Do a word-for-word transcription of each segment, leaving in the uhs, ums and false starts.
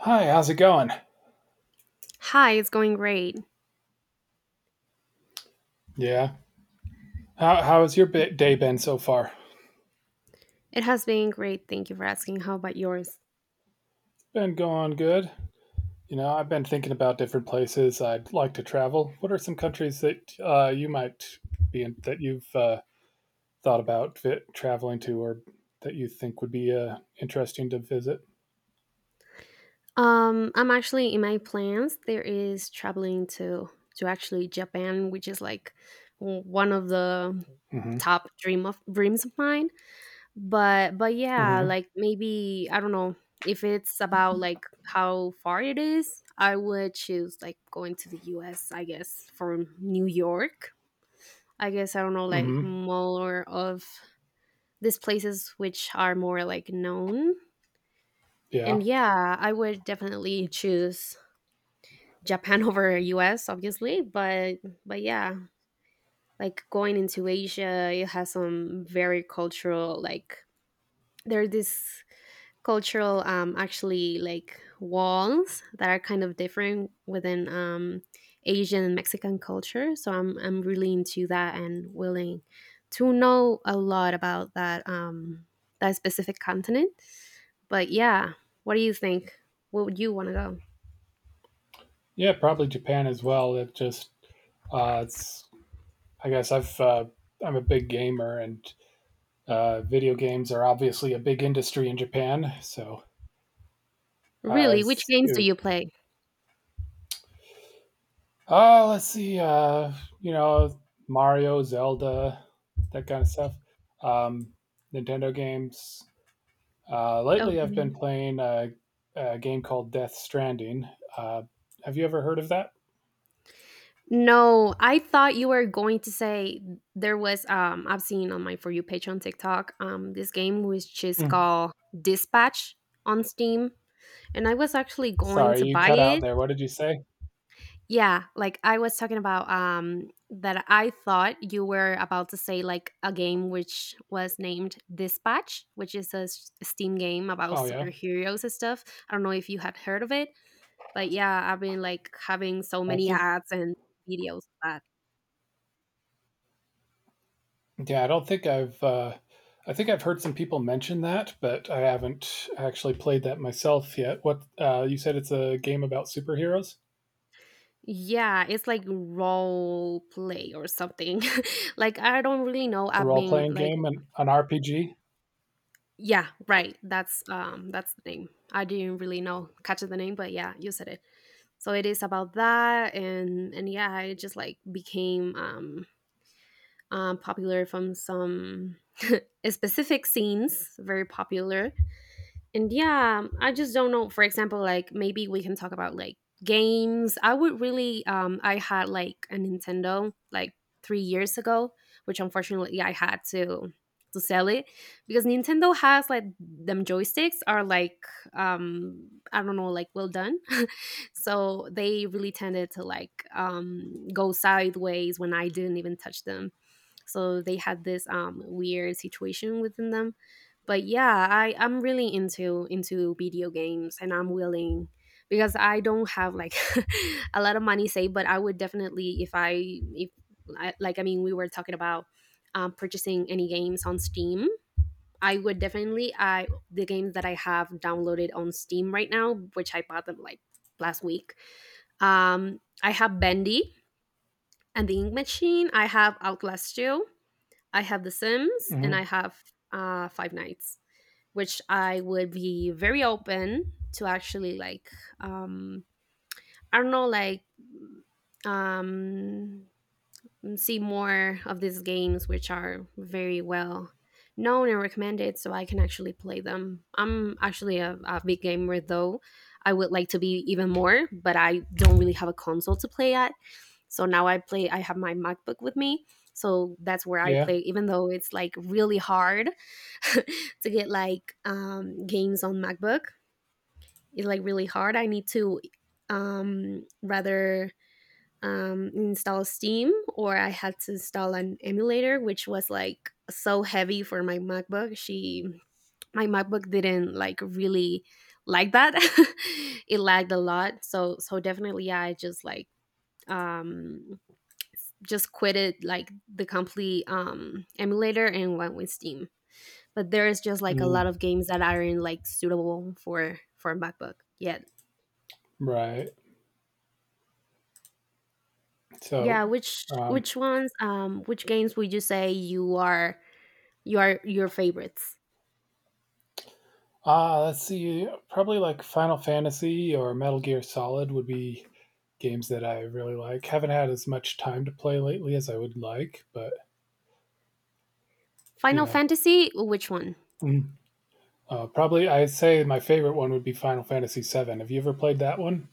Hi, how's it going? Hi, it's going great. Yeah. How how has your bi- day been so far? It has been great. Thank you for asking. How about yours? Been going good. You know, I've been thinking about different places I'd like to travel. What are some countries that uh, you might be in that you've uh, thought about fit, traveling to, or that you think would be uh, interesting to visit? Um, I'm actually in my plans. There is traveling to to actually Japan, which is like w- one of the Hmm. top dream of dreams of mine. But but yeah, Hmm. like maybe I don't know if it's about like how far it is. I would choose like going to the U S. I guess from New York. I guess I don't know like Hmm. more of these places which are more like known. Yeah. And yeah, I would definitely choose Japan over U S obviously, but but yeah, like going into Asia, it has some very cultural like there are these cultural um actually like walls that are kind of different within um asian and mexican culture, so i'm i'm really into that and willing to know a lot about that, um that specific continent. But yeah, what do you think? Where would you want to go? Yeah, probably Japan as well. It just uh, it's. I guess I've uh, I'm a big gamer, and uh, video games are obviously a big industry in Japan, so. I've Really, which s- games do it- you play? uh let's see, uh you know Mario, Zelda, that kind of stuff. Um Nintendo games. Uh lately I've been Okay. playing a, a game called Death Stranding. Uh have you ever heard of that? No, I thought you were going to say there was um I've seen on my For You page on TikTok um this game which is Mm. called Dispatch on Steam, and I was actually going Sorry, to you buy cut out it. there. What did you say? Yeah, like I was talking about um that I thought you were about to say like a game which was named Dispatch, which is a s- Steam game about Oh yeah. superheroes and stuff. I don't know if you had heard of it, but yeah, I've been like having so I many think, ads and videos of that. yeah, I don't think I've uh I think I've heard some people mention that, but I haven't actually played that myself yet. What, uh you said it's a game about superheroes? Yeah, it's like role play or something. like I don't really know. A I've role been playing like game and an R P G? yeah, right. That's um that's the name. I didn't really know catch the name, but yeah, you said it. So it is about that, and and yeah, it just like became um um popular from some specific scenes, very popular. And yeah, I just don't know, for example, like maybe we can talk about like games I would really um I had like a nintendo like three years ago, which unfortunately I had to to sell it because nintendo has like them joysticks are like um I don't know like well done. So they really tended to like um go sideways when I didn't even touch them, so they had this um weird situation within them. But yeah, i i'm really into into video games and I'm willing because I don't have like a lot of money saved, but I would definitely if i if I, like I mean, we were talking about um, purchasing any games on steam. I would definitely I the games that I have downloaded on steam right now, which I bought them like last week, um I have Bendy and the Ink Machine, I have Outlast two, I have The Sims, Hmm. and I have uh Five Nights, which I would be very open to actually like um I don't know like um see more of these games which are very well known and recommended so I can actually play them. I'm actually a, a big gamer though. I would like to be even more, but I don't really have a console to play at. So now I play, I have my MacBook with me. So that's where I Yeah. play, even though it's like really hard to get like um, games on MacBook. It's like really hard. I need to um, rather um, install Steam, or I had to install an emulator, which was like so heavy for my MacBook. She, my MacBook didn't like really like that. It lagged a lot. So, so definitely, yeah, I just like um just quitted like the complete um, emulator and went with Steam. But there is just like a Mm, lot of games that aren't like suitable for for MacBook yet. right. So, Yeah, which um, which ones, um which games would you say you are you are your favorites? ah, let's see. Probably like Final Fantasy or Metal Gear Solid would be games that I really like. Haven't had as much time to play lately as I would like, but Final yeah. Fantasy, which one? Mm. Uh, probably, I'd say my favorite one would be Final Fantasy seven. Have you ever played that one?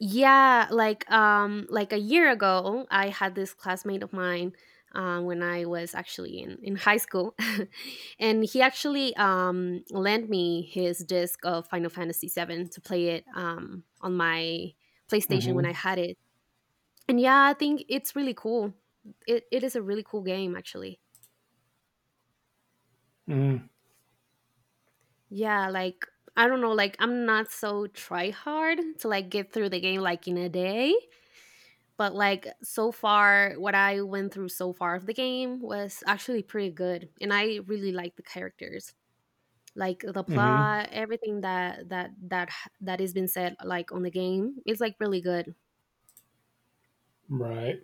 Yeah, like um like a year ago, I had this classmate of mine, um, when I was actually in, in high school, and he actually um, lent me his disc of Final Fantasy seven to play it, um, on my PlayStation Mm-hmm. when I had it. And yeah, I think it's really cool. It it is a really cool game actually. Mm, Yeah, like I don't know, like I'm not so try hard to like get through the game like in a day. But like so far, what I went through so far of the game was actually pretty good, and I really like the characters, like the mm-hmm. plot, everything that that that h- that has been said like on the game. It's like really good. Right.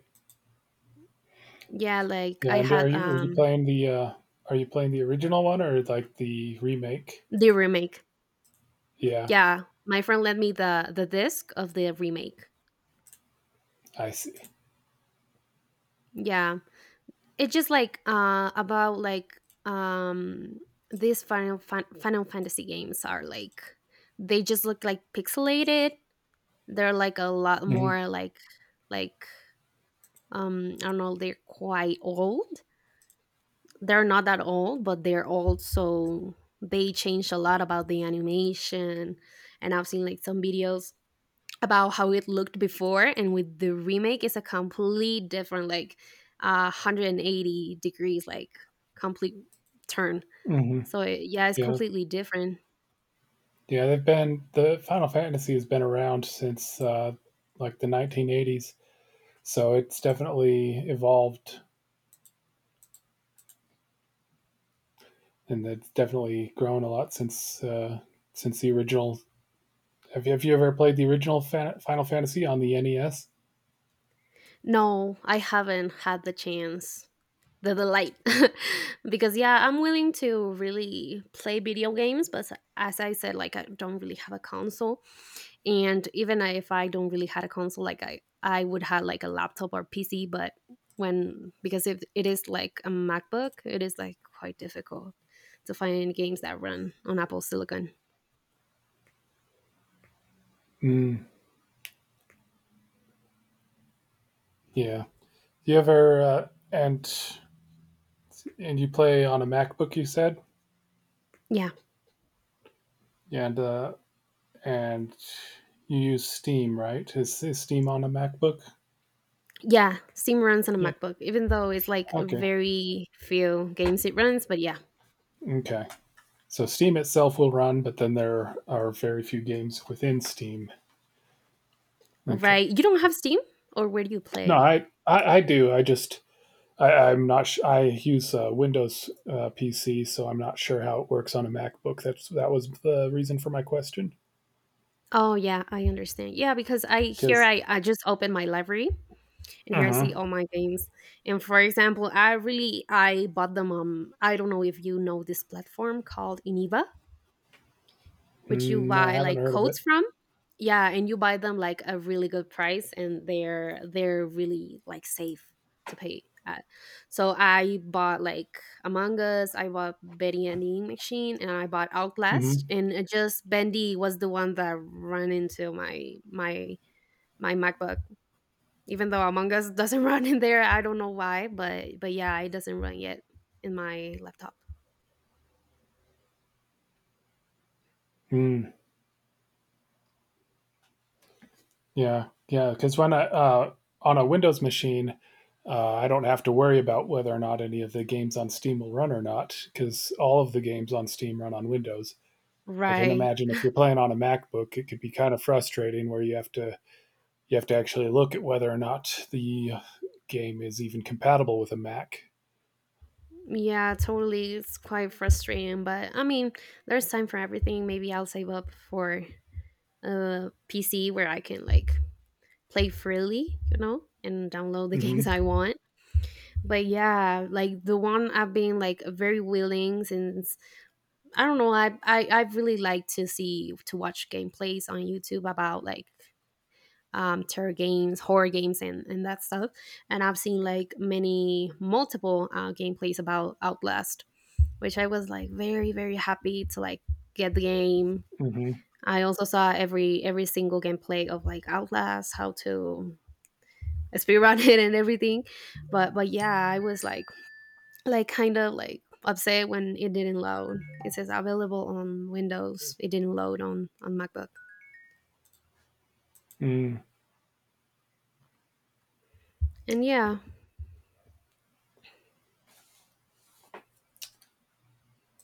Yeah, like Yeah. I And are had you are you um playing the uh, are you playing the original one or like the remake? the remake. Yeah. Yeah, my friend lent me the the disc of the remake. I see. Yeah, it's just like uh about like um these Final Fan- Final Fantasy games are like they just look like pixelated. They're like a lot Hmm. more like like um I don't know, they're quite old. They're not that old, but they're old, so they changed a lot about the animation, and I've seen like some videos about how it looked before, and with the remake it's a complete different like uh one hundred eighty degrees like complete turn. Hmm. So it, yeah, it's Yeah, completely different. yeah. They've been the Final Fantasy has been around since uh, like the nineteen eighties, so it's definitely evolved and it's definitely grown a lot since uh, since the original. Have you, have you ever played the original Fan- Final Fantasy on the N E S? No, I haven't had the chance. The delight, because yeah, I'm willing to really play video games, but as I said, like I don't really have a console, and even if I don't really had a console, like I I would have like a laptop or pc. But when, because if it is like a macbook, it is like quite difficult to find games that run on Apple silicon. Mm, yeah. You ever uh, and and you play on a MacBook? You said, Yeah. and uh, and you use Steam, right? Is, is Steam on a MacBook? Yeah, steam runs on a Yeah. macbook, even though it's like Okay. very few games it runs, but yeah. Okay. So Steam itself will run, but then there are very few games within Steam. Okay. Right, you don't have steam? Or where do you No, play? I I, I do. I just, I, I'm not. Sh- I use uh, Windows, uh, P C, so I'm not sure how it works on a MacBook. That's that was the reason for my question. Oh, yeah, I understand. Yeah, because I here Because. I, I just opened my library, and here I Uh-huh. see all my games. And for example, I really I bought them um I don't know if you know this platform called Iniva, which you Mm, no, I buy haven't like heard of it. coats from. Yeah, and you buy them like a really good price, and they're they're really like safe to pay at. So I bought like Among Us, I bought Bendy and the Ink Machine, and I bought Outlast, Mm-hmm. and it just Bendy was the one that ran into my my my MacBook. Even though Among Us doesn't run in there, I don't know why, but but yeah, it doesn't run yet in my laptop. Mm, yeah, yeah. Because when I, uh, on a Windows machine, uh, I don't have to worry about whether or not any of the games on Steam will run or not, because all of the games on Steam run on Windows. I can Right. imagine if you're playing on a MacBook, it could be kind of frustrating where you have to you have to actually look at whether or not the game is even compatible with a Mac. Yeah, totally. It's quite frustrating, but I mean, there's time for everything. Maybe I'll save up for a P C where I can like play freely, you know, and download the games Mm-hmm. I want. But yeah, like the one I've been like very willing since I don't know. I I I really like to see to watch gameplays on YouTube about like um terror games, horror games, and and that stuff. And I've seen like many multiple uh, gameplays about Outlast, which I was like very very happy to like get the game. Mm-hmm. I also saw every every single gameplay of like Outlast, how to speedrun it and everything. But but yeah, I was like like kind of like upset when it didn't load. It says available on Windows. It didn't load on on MacBook. Mm. And yeah,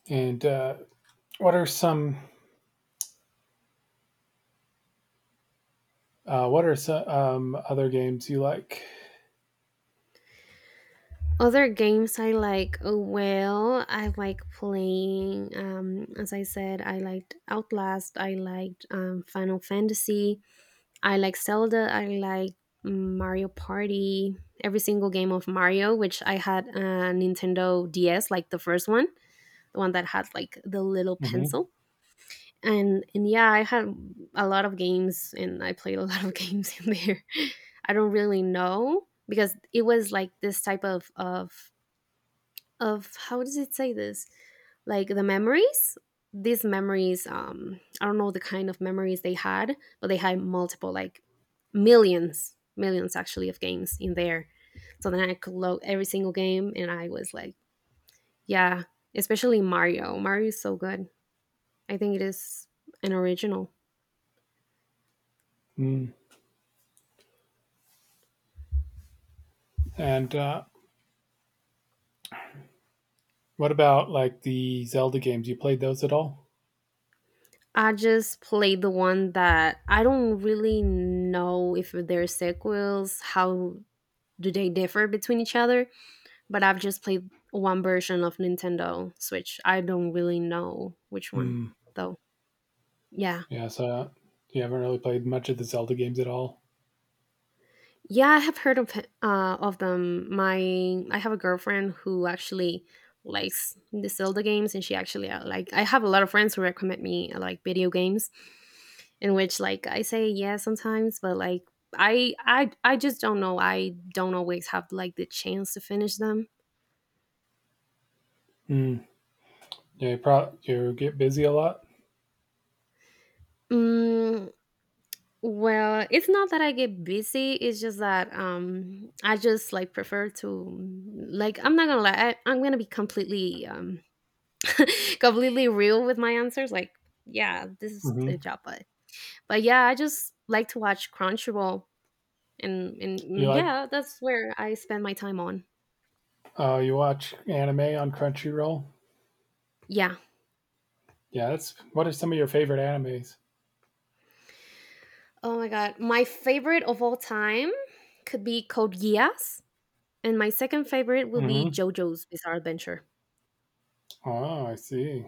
And, uh, what are some uh, what are some, um, other games you like? other games I like, uh, well, I like playing, um, as I said, I liked Outlast, I liked, um, Final Fantasy, I like Zelda, I like Mario Party, every single game of Mario, which I had a Nintendo D S, like the first one, the one that had like the little Mm-hmm. pencil. And, and yeah, I had a lot of games, and I played a lot of games in there. I don't really know, because it was like this type of, of of, how does it say this, like the memories, these memories, um I don't know the kind of memories they had, but they had multiple like millions millions actually of games in there. So then I could load every single game, and I was like yeah, especially mario mario is so good. I think it is an original. Mm. And, uh, what about like the Zelda games? You played those at all? I just played the one that I don't really know if there are sequels, how do they differ between each other, but I've just played one version of Nintendo Switch. I don't really know which one Mm. though. Yeah. Yeah, so you haven't really played much of the Zelda games at all. Yeah, I have heard of uh of them. My I have a girlfriend who actually likes the Zelda games, and she actually uh, like I have a lot of friends who recommend me, uh, like video games, in which like I say yeah sometimes, but like I I I just don't know. I don't always have like the chance to finish them. Mm. Yeah, you pro- you get busy a lot. Mm, Well, it's not that I get busy, it's just that um I just like prefer to. Like, I'm not gonna lie, I, I'm gonna be completely um completely real with my answers. Like, yeah, this is a Mm-hmm. job, but but yeah, I just like to watch Crunchyroll, and and You and like. yeah, that's where I spend my time on. Oh, you watch anime on Crunchyroll? Yeah. Yeah, that's. What are some of your favorite animes? Oh my god. My favorite of all time could be Code Geass, and my second favorite will be Mm-hmm. JoJo's Bizarre Adventure. Oh, I see.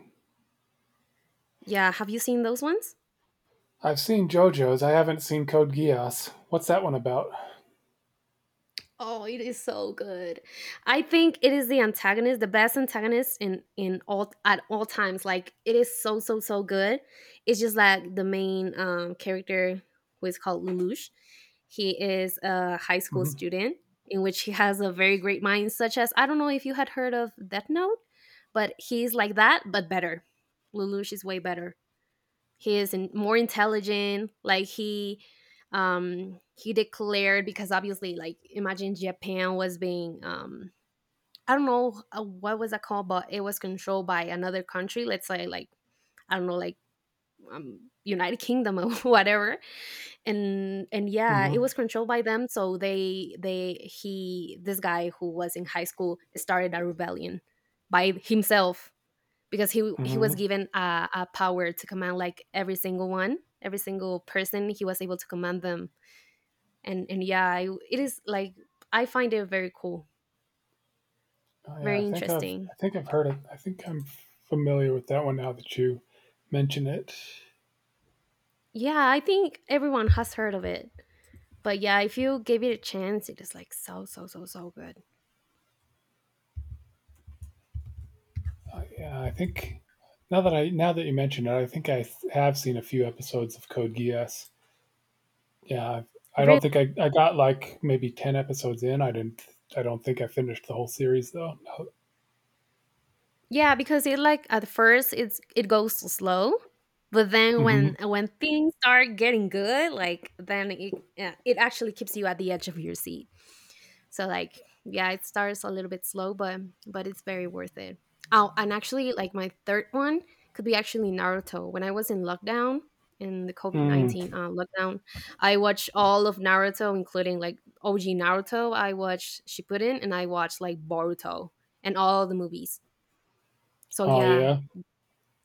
Yeah, have you seen those ones? I've seen JoJo's. I haven't seen Code Geass. What's that one about? Oh, it is so good. I think it is the antagonist, the best antagonist in in all at all times. Like, it is so so so good. It's just like the main um, character, who is called Lelouch. He is a high school Mm-hmm. student in which he has a very great mind, such as, I don't know if you had heard of Death Note, but he's like that but better. Lelouch is way better, he is in, more intelligent. Like, he um he declared because obviously like, imagine Japan was being, um I don't know, uh, what was that called, but it was controlled by another country. Let's say like, I don't know, like um, United Kingdom, or whatever. And and yeah, it Mm-hmm. was controlled by them, so they they he, this guy who was in high school, started a rebellion by himself, because he he was Mm-hmm. given a, a power to command like every single one, every single person. He was able to command them, and and yeah, I, it is like I find it very cool, Oh, yeah, I very think I've interesting. I think I've heard it. I think I'm familiar with that one now that you mention it. Yeah, I think everyone has heard of it, but yeah, if you gave it a chance, it is like so so so so good. Uh, yeah, I think, now that I now that you mention it, I think I th- have seen a few episodes of Code Geass. Yeah, I've, I don't Really, think I, I got like maybe ten episodes in. I didn't. I don't think I finished the whole series though. yeah, because it, like, at first it's it goes so slow, but then Hmm. when when things start getting good, like then it, yeah, it actually keeps you at the edge of your seat. So, like, yeah, it starts a little bit slow, but but it's very worth it. Oh, and actually like my third one could be actually Naruto. When I was in lockdown, in the COVID Mm. nineteen uh, lockdown, I watched all of Naruto, including like O G Naruto. I watched Shippuden, and I watched like Boruto and all the movies. So Oh yeah, yeah,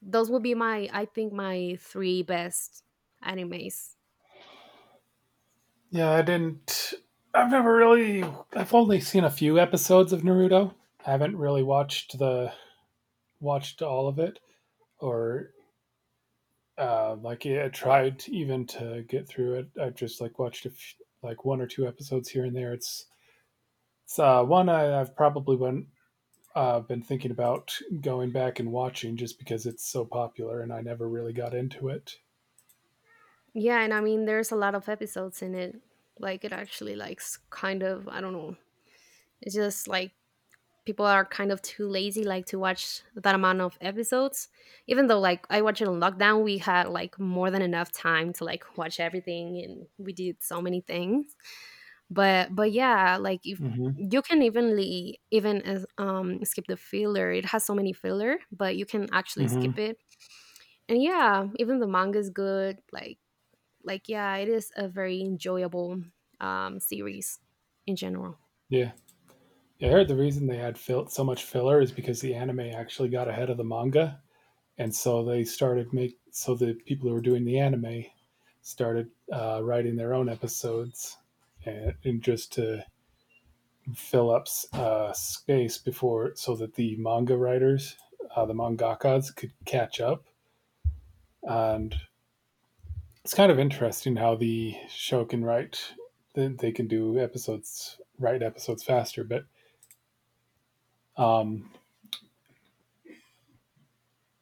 those would be my, I think, my three best animes. yeah. I didn't. I've never really. I've only seen a few episodes of Naruto. I haven't really watched the watched all of it, or uh, like, yeah, I tried even to get through it. I've just like watched a f- like one or two episodes here and there. It's it's uh, one, I, I've probably went uh, I've been thinking about going back and watching just because it's so popular and I never really got into it. Yeah, and I mean there's a lot of episodes in it. Like, it actually likes kind of, I don't know. It's just like people are kind of too lazy like to watch that amount of episodes. Even though like I watched it on lockdown, we had like more than enough time to like watch everything, and we did so many things. But but yeah, like, if Hmm. you can evenly even as um skip the filler. It has so many filler, but you can actually skip Hmm. it. And yeah, even the manga is good. Like like yeah, it is a very enjoyable um series in general. Yeah. Yeah, I heard the reason they had fill- so much filler is because the anime actually got ahead of the manga, and so they started make so the people who were doing the anime started, uh, writing their own episodes, and, and just to fill up, uh, space before so that the manga writers, uh, the mangakas, could catch up. And it's kind of interesting how the show can write that they can do episodes write episodes faster, but um,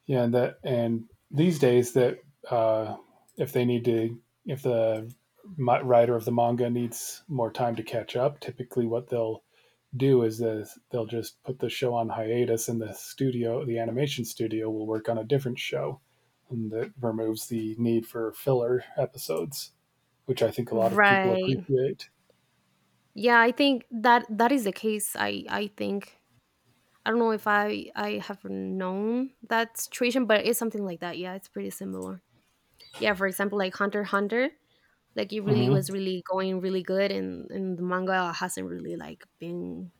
yeah, and that and these days that, uh, if they need to if the writer of the manga needs more time to catch up, typically what they'll do is this, they'll just put the show on hiatus and the studio the animation studio will work on a different show, and that removes the need for filler episodes, which I think a lot of people Right. appreciate. Yeah, I think that that is the case. I I think I don't know if I I have known that situation, but it's something like that. Yeah, it's pretty similar. Yeah, for example, like Hunter x Hunter, like, it really Hmm. was really going really good, and and the manga hasn't really like been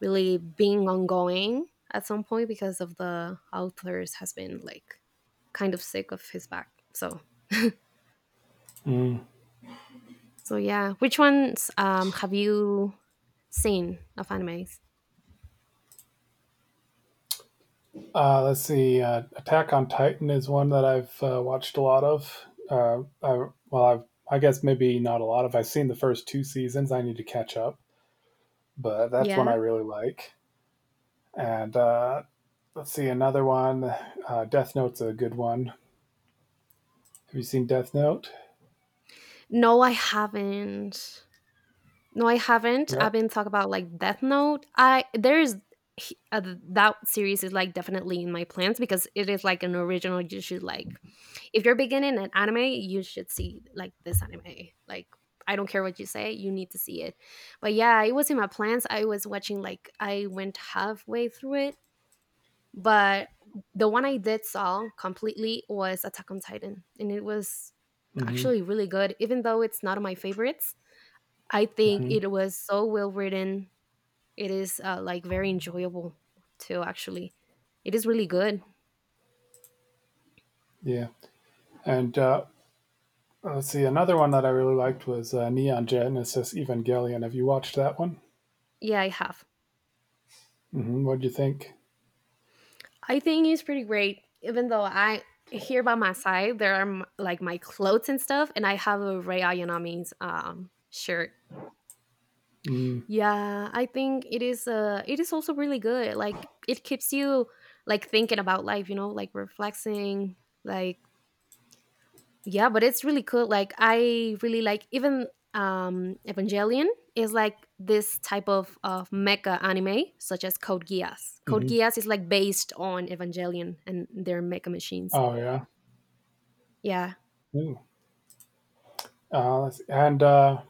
really being ongoing at some point because of the authors has been like kind of sick of his back. So, so yeah, which ones um have you seen of animes? Uh, let's see. Uh, Attack on Titan is one that I've uh, watched a lot of. Uh, I, well, I've, I guess maybe not a lot of. I've seen the first two seasons. I need to catch up, but that's one Yeah. I really like. And, uh, let's see another one. Uh, Death Note's a good one. Have you seen Death Note? No, I haven't. No, I haven't. Yeah. I've been talking about like Death Note. I there's he- uh, that series is like definitely in my plans because it is like an original. You should, like, if you're beginning an anime, you should see like this anime. Like, I don't care what you say, you need to see it. But yeah, it was in my plans. I was watching like, I went halfway through it, but the one I did saw completely was Attack on Titan, and it was Hmm. actually really good, even though it's not my favorites, I think Hmm. it was so well written. It is uh, like, very enjoyable too. Actually, it is really good. Yeah. And, uh, let's see another one that I really liked was, uh, Neon Genesis Evangelion. Have you watched that one? Yeah, I have. Hmm. What would you think? I think it's pretty great. Even though I, here by my side there are m- like my clothes and stuff, and I have a Ray Ayanami's um shirt. Mm-hmm. Yeah, I think it is. Uh, it is also really good. Like, it keeps you like thinking about life. You know, like, reflecting, like, yeah, but it's really cool. Like, I really like even um Evangelion is like this type of of mecha anime such as Code Geass. Code Mm-hmm. Geass is like based on Evangelion and their mecha machines. Oh yeah. Yeah. Ooh. Uh, let's- and uh,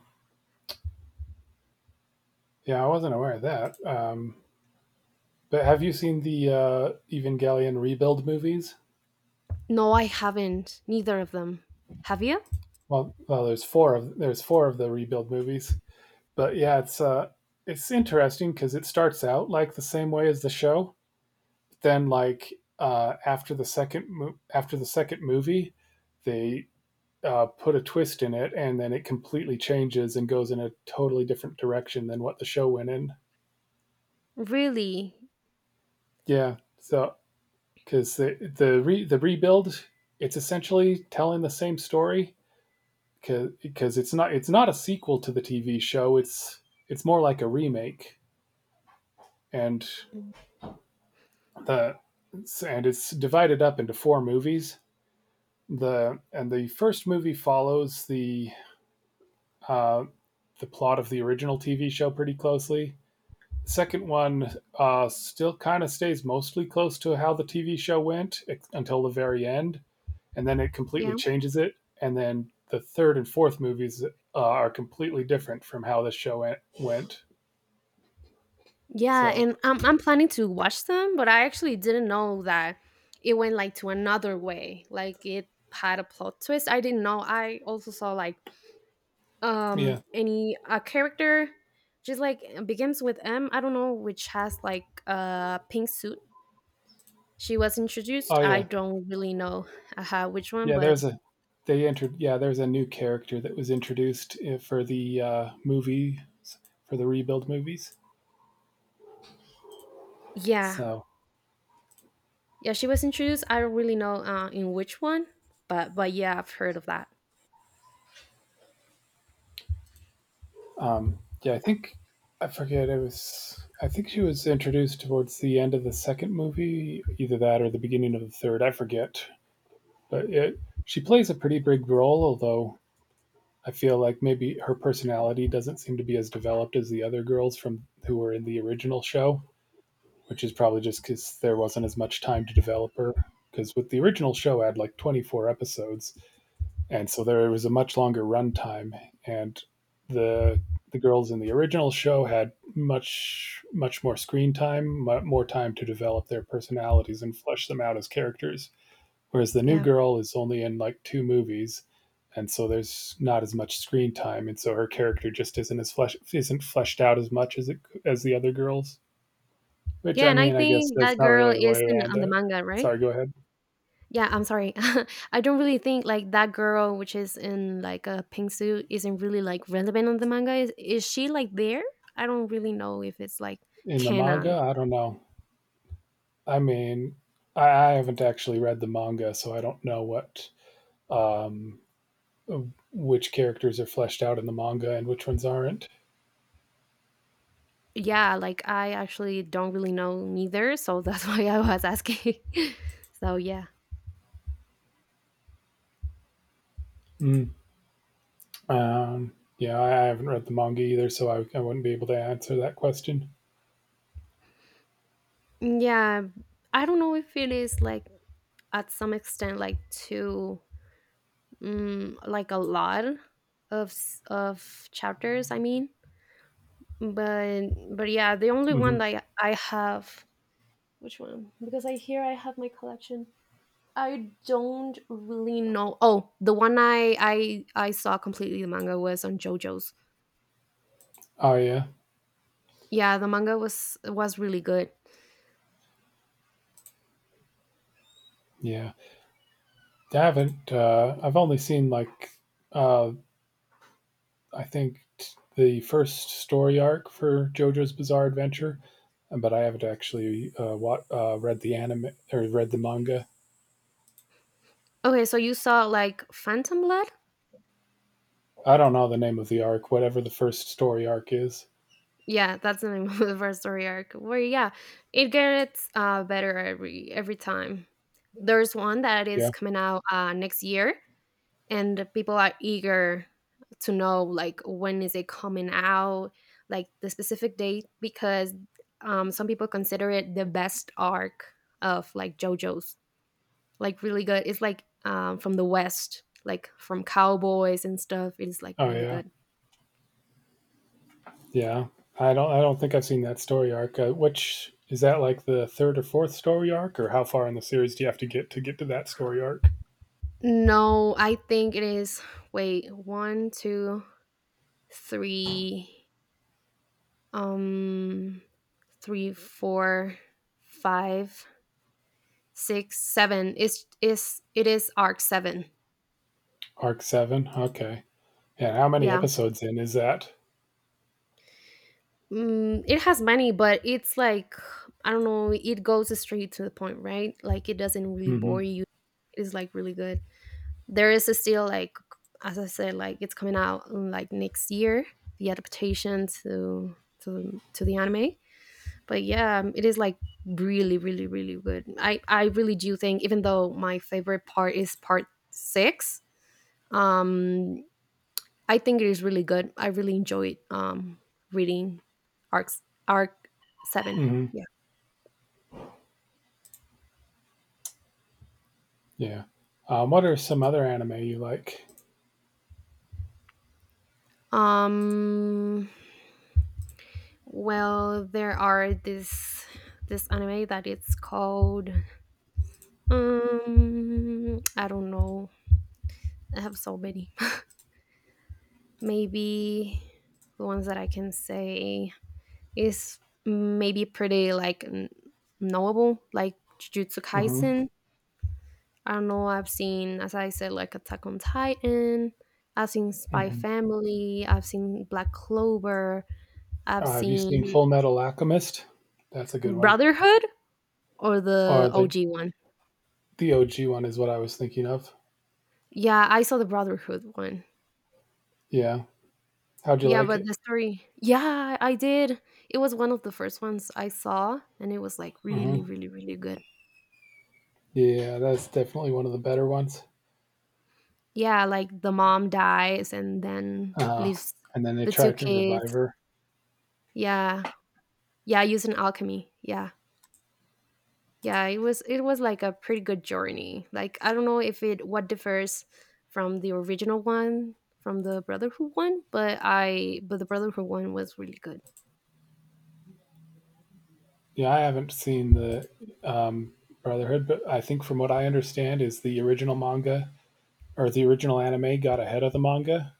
Yeah, I wasn't aware of that. Um, but have you seen the, uh, Evangelion rebuild movies? No, I haven't. Neither of them. Have you? Well, well, there's four of there's four of the rebuild movies. But yeah, it's uh, it's interesting because it starts out like the same way as the show. Then like, uh, after the second mo- after the second movie, they, uh, put a twist in it, and then it completely changes and goes in a totally different direction than what the show went in. Really? Yeah. So because the the re, the rebuild, it's essentially telling the same story, because it's not it's not a sequel to the T V show. It's it's more like a remake, and the and it's divided up into four movies. The And the first movie follows, the uh, the plot of the original T V show pretty closely. The second one, uh, still kind of stays mostly close to how the T V show went ex- until the very end, and then it completely Yeah. changes it. And then the third and fourth movies, uh, are completely different from how the show went. Yeah, So and I'm I'm planning to watch them, but I actually didn't know that it went like to another way. Like, it had a plot twist. I didn't know. I also saw like um yeah. any a character just like begins with m, I don't know, which has like a pink suit. She was introduced, Oh I yeah, don't really know uh, which one, yeah. but There's a They entered. Yeah, there's a new character that was introduced, uh, for the uh, movies for the rebuild movies. yeah, So, yeah, she was introduced, I don't really know uh, in which one, but but yeah, I've heard of that. um, yeah, I think, I forget. It was, I think, she was introduced towards the end of the second movie, either that or the beginning of the third. I forget, but it she plays a pretty big role, although I feel like maybe her personality doesn't seem to be as developed as the other girls from who were in the original show, which is probably just because there wasn't as much time to develop her. Because with the original show, I had like twenty-four episodes, and so there was a much longer run time. And the the girls in the original show had much much more screen time, more time to develop their personalities and flesh them out as characters. Whereas the new Yeah, girl is only in like two movies, and so there's not as much screen time, and so her character just isn't as flesh isn't fleshed out as much as it as the other girls. Which, yeah, I and I mean, I guess think that's that not girl really a is way in around on the it. manga, right? Sorry, go ahead. Yeah, I'm sorry. I don't really think like that girl, which is in like a pink suit, isn't really like relevant on the manga. Is is she like there? I don't really know if it's like In the manga, canon. I don't know. I mean, I, I haven't actually read the manga, so I don't know what, um, which characters are fleshed out in the manga and which ones aren't. Yeah, like I actually don't really know neither, so that's why I was asking. So yeah, Mm. Um, yeah, I, I haven't read the manga either, so I, I wouldn't be able to answer that question. yeah. I don't know if it is like, at some extent like too, mm, like a lot of s- of chapters. I mean, but but yeah, the only one Hmm. that i I have. Which one? Because I hear I have my collection. I don't really know. Oh, the one I I I saw completely the manga was on JoJo's. Oh yeah, Yeah, the manga was was really good. yeah. I haven't. Uh, I've only seen like, uh, I think t- the first story arc for JoJo's Bizarre Adventure, but I haven't actually, uh, wa uh, read the anime or read the manga. Okay, so you saw like Phantom Blood? I don't know the name of the arc, whatever the first story arc is. Yeah, that's the name of the first story arc. Where, yeah, it gets uh better every every time. There's one that is Yeah. coming out uh next year, and people are eager to know like when is it coming out, like the specific date, because um some people consider it the best arc of like JoJo's. Like, really good. It's like um from the West, like from cowboys and stuff. It is like Oh really yeah, good. yeah. I don't. I don't think I've seen that story arc. Uh, which is that, like, the third or fourth story arc, or how far in the series do you have to get to get to that story arc? No, I think it is, wait, one two three, um three four five six, seven. It's is it is arc seven. Arc seven. Okay. And how many Yeah. episodes in is that? Mm, it has many, but it's like, I don't know. It goes straight to the point, right? Like, it doesn't really Mhm. bore you. It's like really good. There is still like, as I said, like, it's coming out, mm, like, next year. The adaptation to to to the anime, but yeah, um, it is like really, really, really good. I I really do think, even though my favorite part is part six, um I think it is really good. I really enjoyed um, reading Arc Arc Seven. Mhm. Yeah. Yeah. Um, what are some other anime you like? Um. Well, there are this this anime that it's called. Um. I don't know. I have so many. Maybe the ones that I can say is maybe pretty like n- knowable, like Jujutsu Mhm. Kaisen. I don't know. I've seen, as I said, like Attack on Titan. I've seen Spy Mhm. Family. I've seen Black Clover. I've Uh, have you seen Full seen Metal Alchemist? That's a good one. Brotherhood, or the Or the O G one. the O G one is what I was thinking of. Yeah, I saw the Brotherhood one. Yeah. How'd you Yeah, like but it? the story. Yeah, I did. It was one of the first ones I saw, and it was like really, Mhm. really, really good. Yeah, that's definitely one of the better ones. Yeah, like the mom dies and then Uh, leaves and then they the two tried to kids. revive her. Yeah, yeah, using alchemy. Yeah, yeah, it was it was like a pretty good journey. Like, I don't know if it, what differs from the original one from the Brotherhood one, but I but the Brotherhood one was really good. Yeah, I haven't seen the, um, Brotherhood, but I think from what I understand is the original manga or the original anime got ahead of the manga.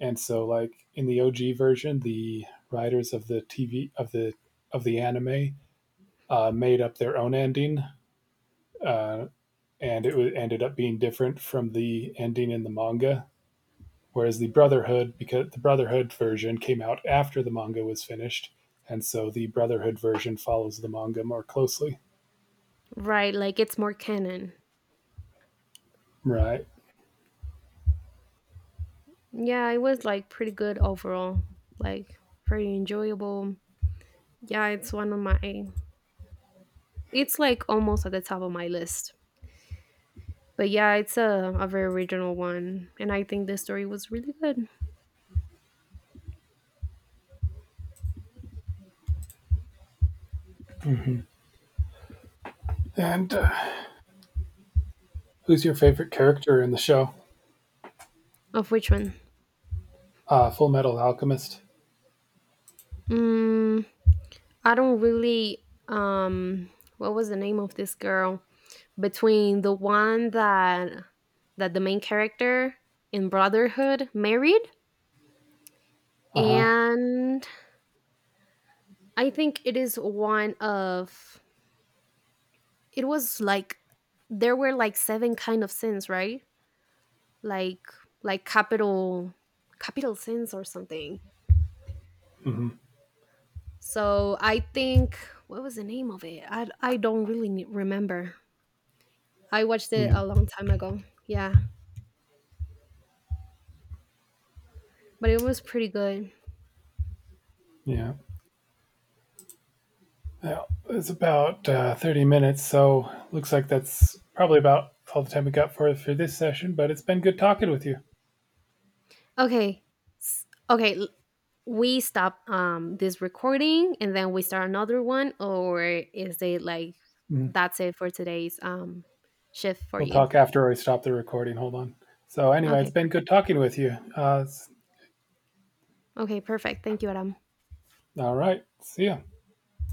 And so like in the O G version, the writers of the T V of the of the anime, uh, made up their own ending, uh, and it wa- ended up being different from the ending in the manga. Whereas the Brotherhood, because the Brotherhood version came out after the manga was finished, and so the Brotherhood version follows the manga more closely. Right, like it's more canon. Right. Yeah, it was like pretty good overall, like pretty enjoyable. Yeah, it's one of my, it's like almost at the top of my list. But yeah, it's a, a very original one, and I think the story was really good. And, uh, who's your favorite character in the show? Of which one? Uh, Full Metal Alchemist. mm, I don't really, um what was the name of this girl, between the one that that the main character in Brotherhood married. Uh huh. And I think it is one of, it was like there were like seven kind of sins, right? Like like capital capital sins or something. Hmm. So I think, what was the name of it? I I don't really ne- remember. I watched it Yeah. a long time ago. Yeah. But it was pretty good. Yeah. Yeah, it's about, uh, thirty minutes, so looks like that's probably about all the time we got for for this session. But it's been good talking with you. Okay, s- okay, l- we stop um this recording and then we start another one, or is it like Mm. that's it for today's um shift for We'll you? talk after I stop the recording. Hold on. So anyway, it's Okay, been good perfect. talking with you. Uh, Okay, perfect. Thank you, Adam. All right, see ya.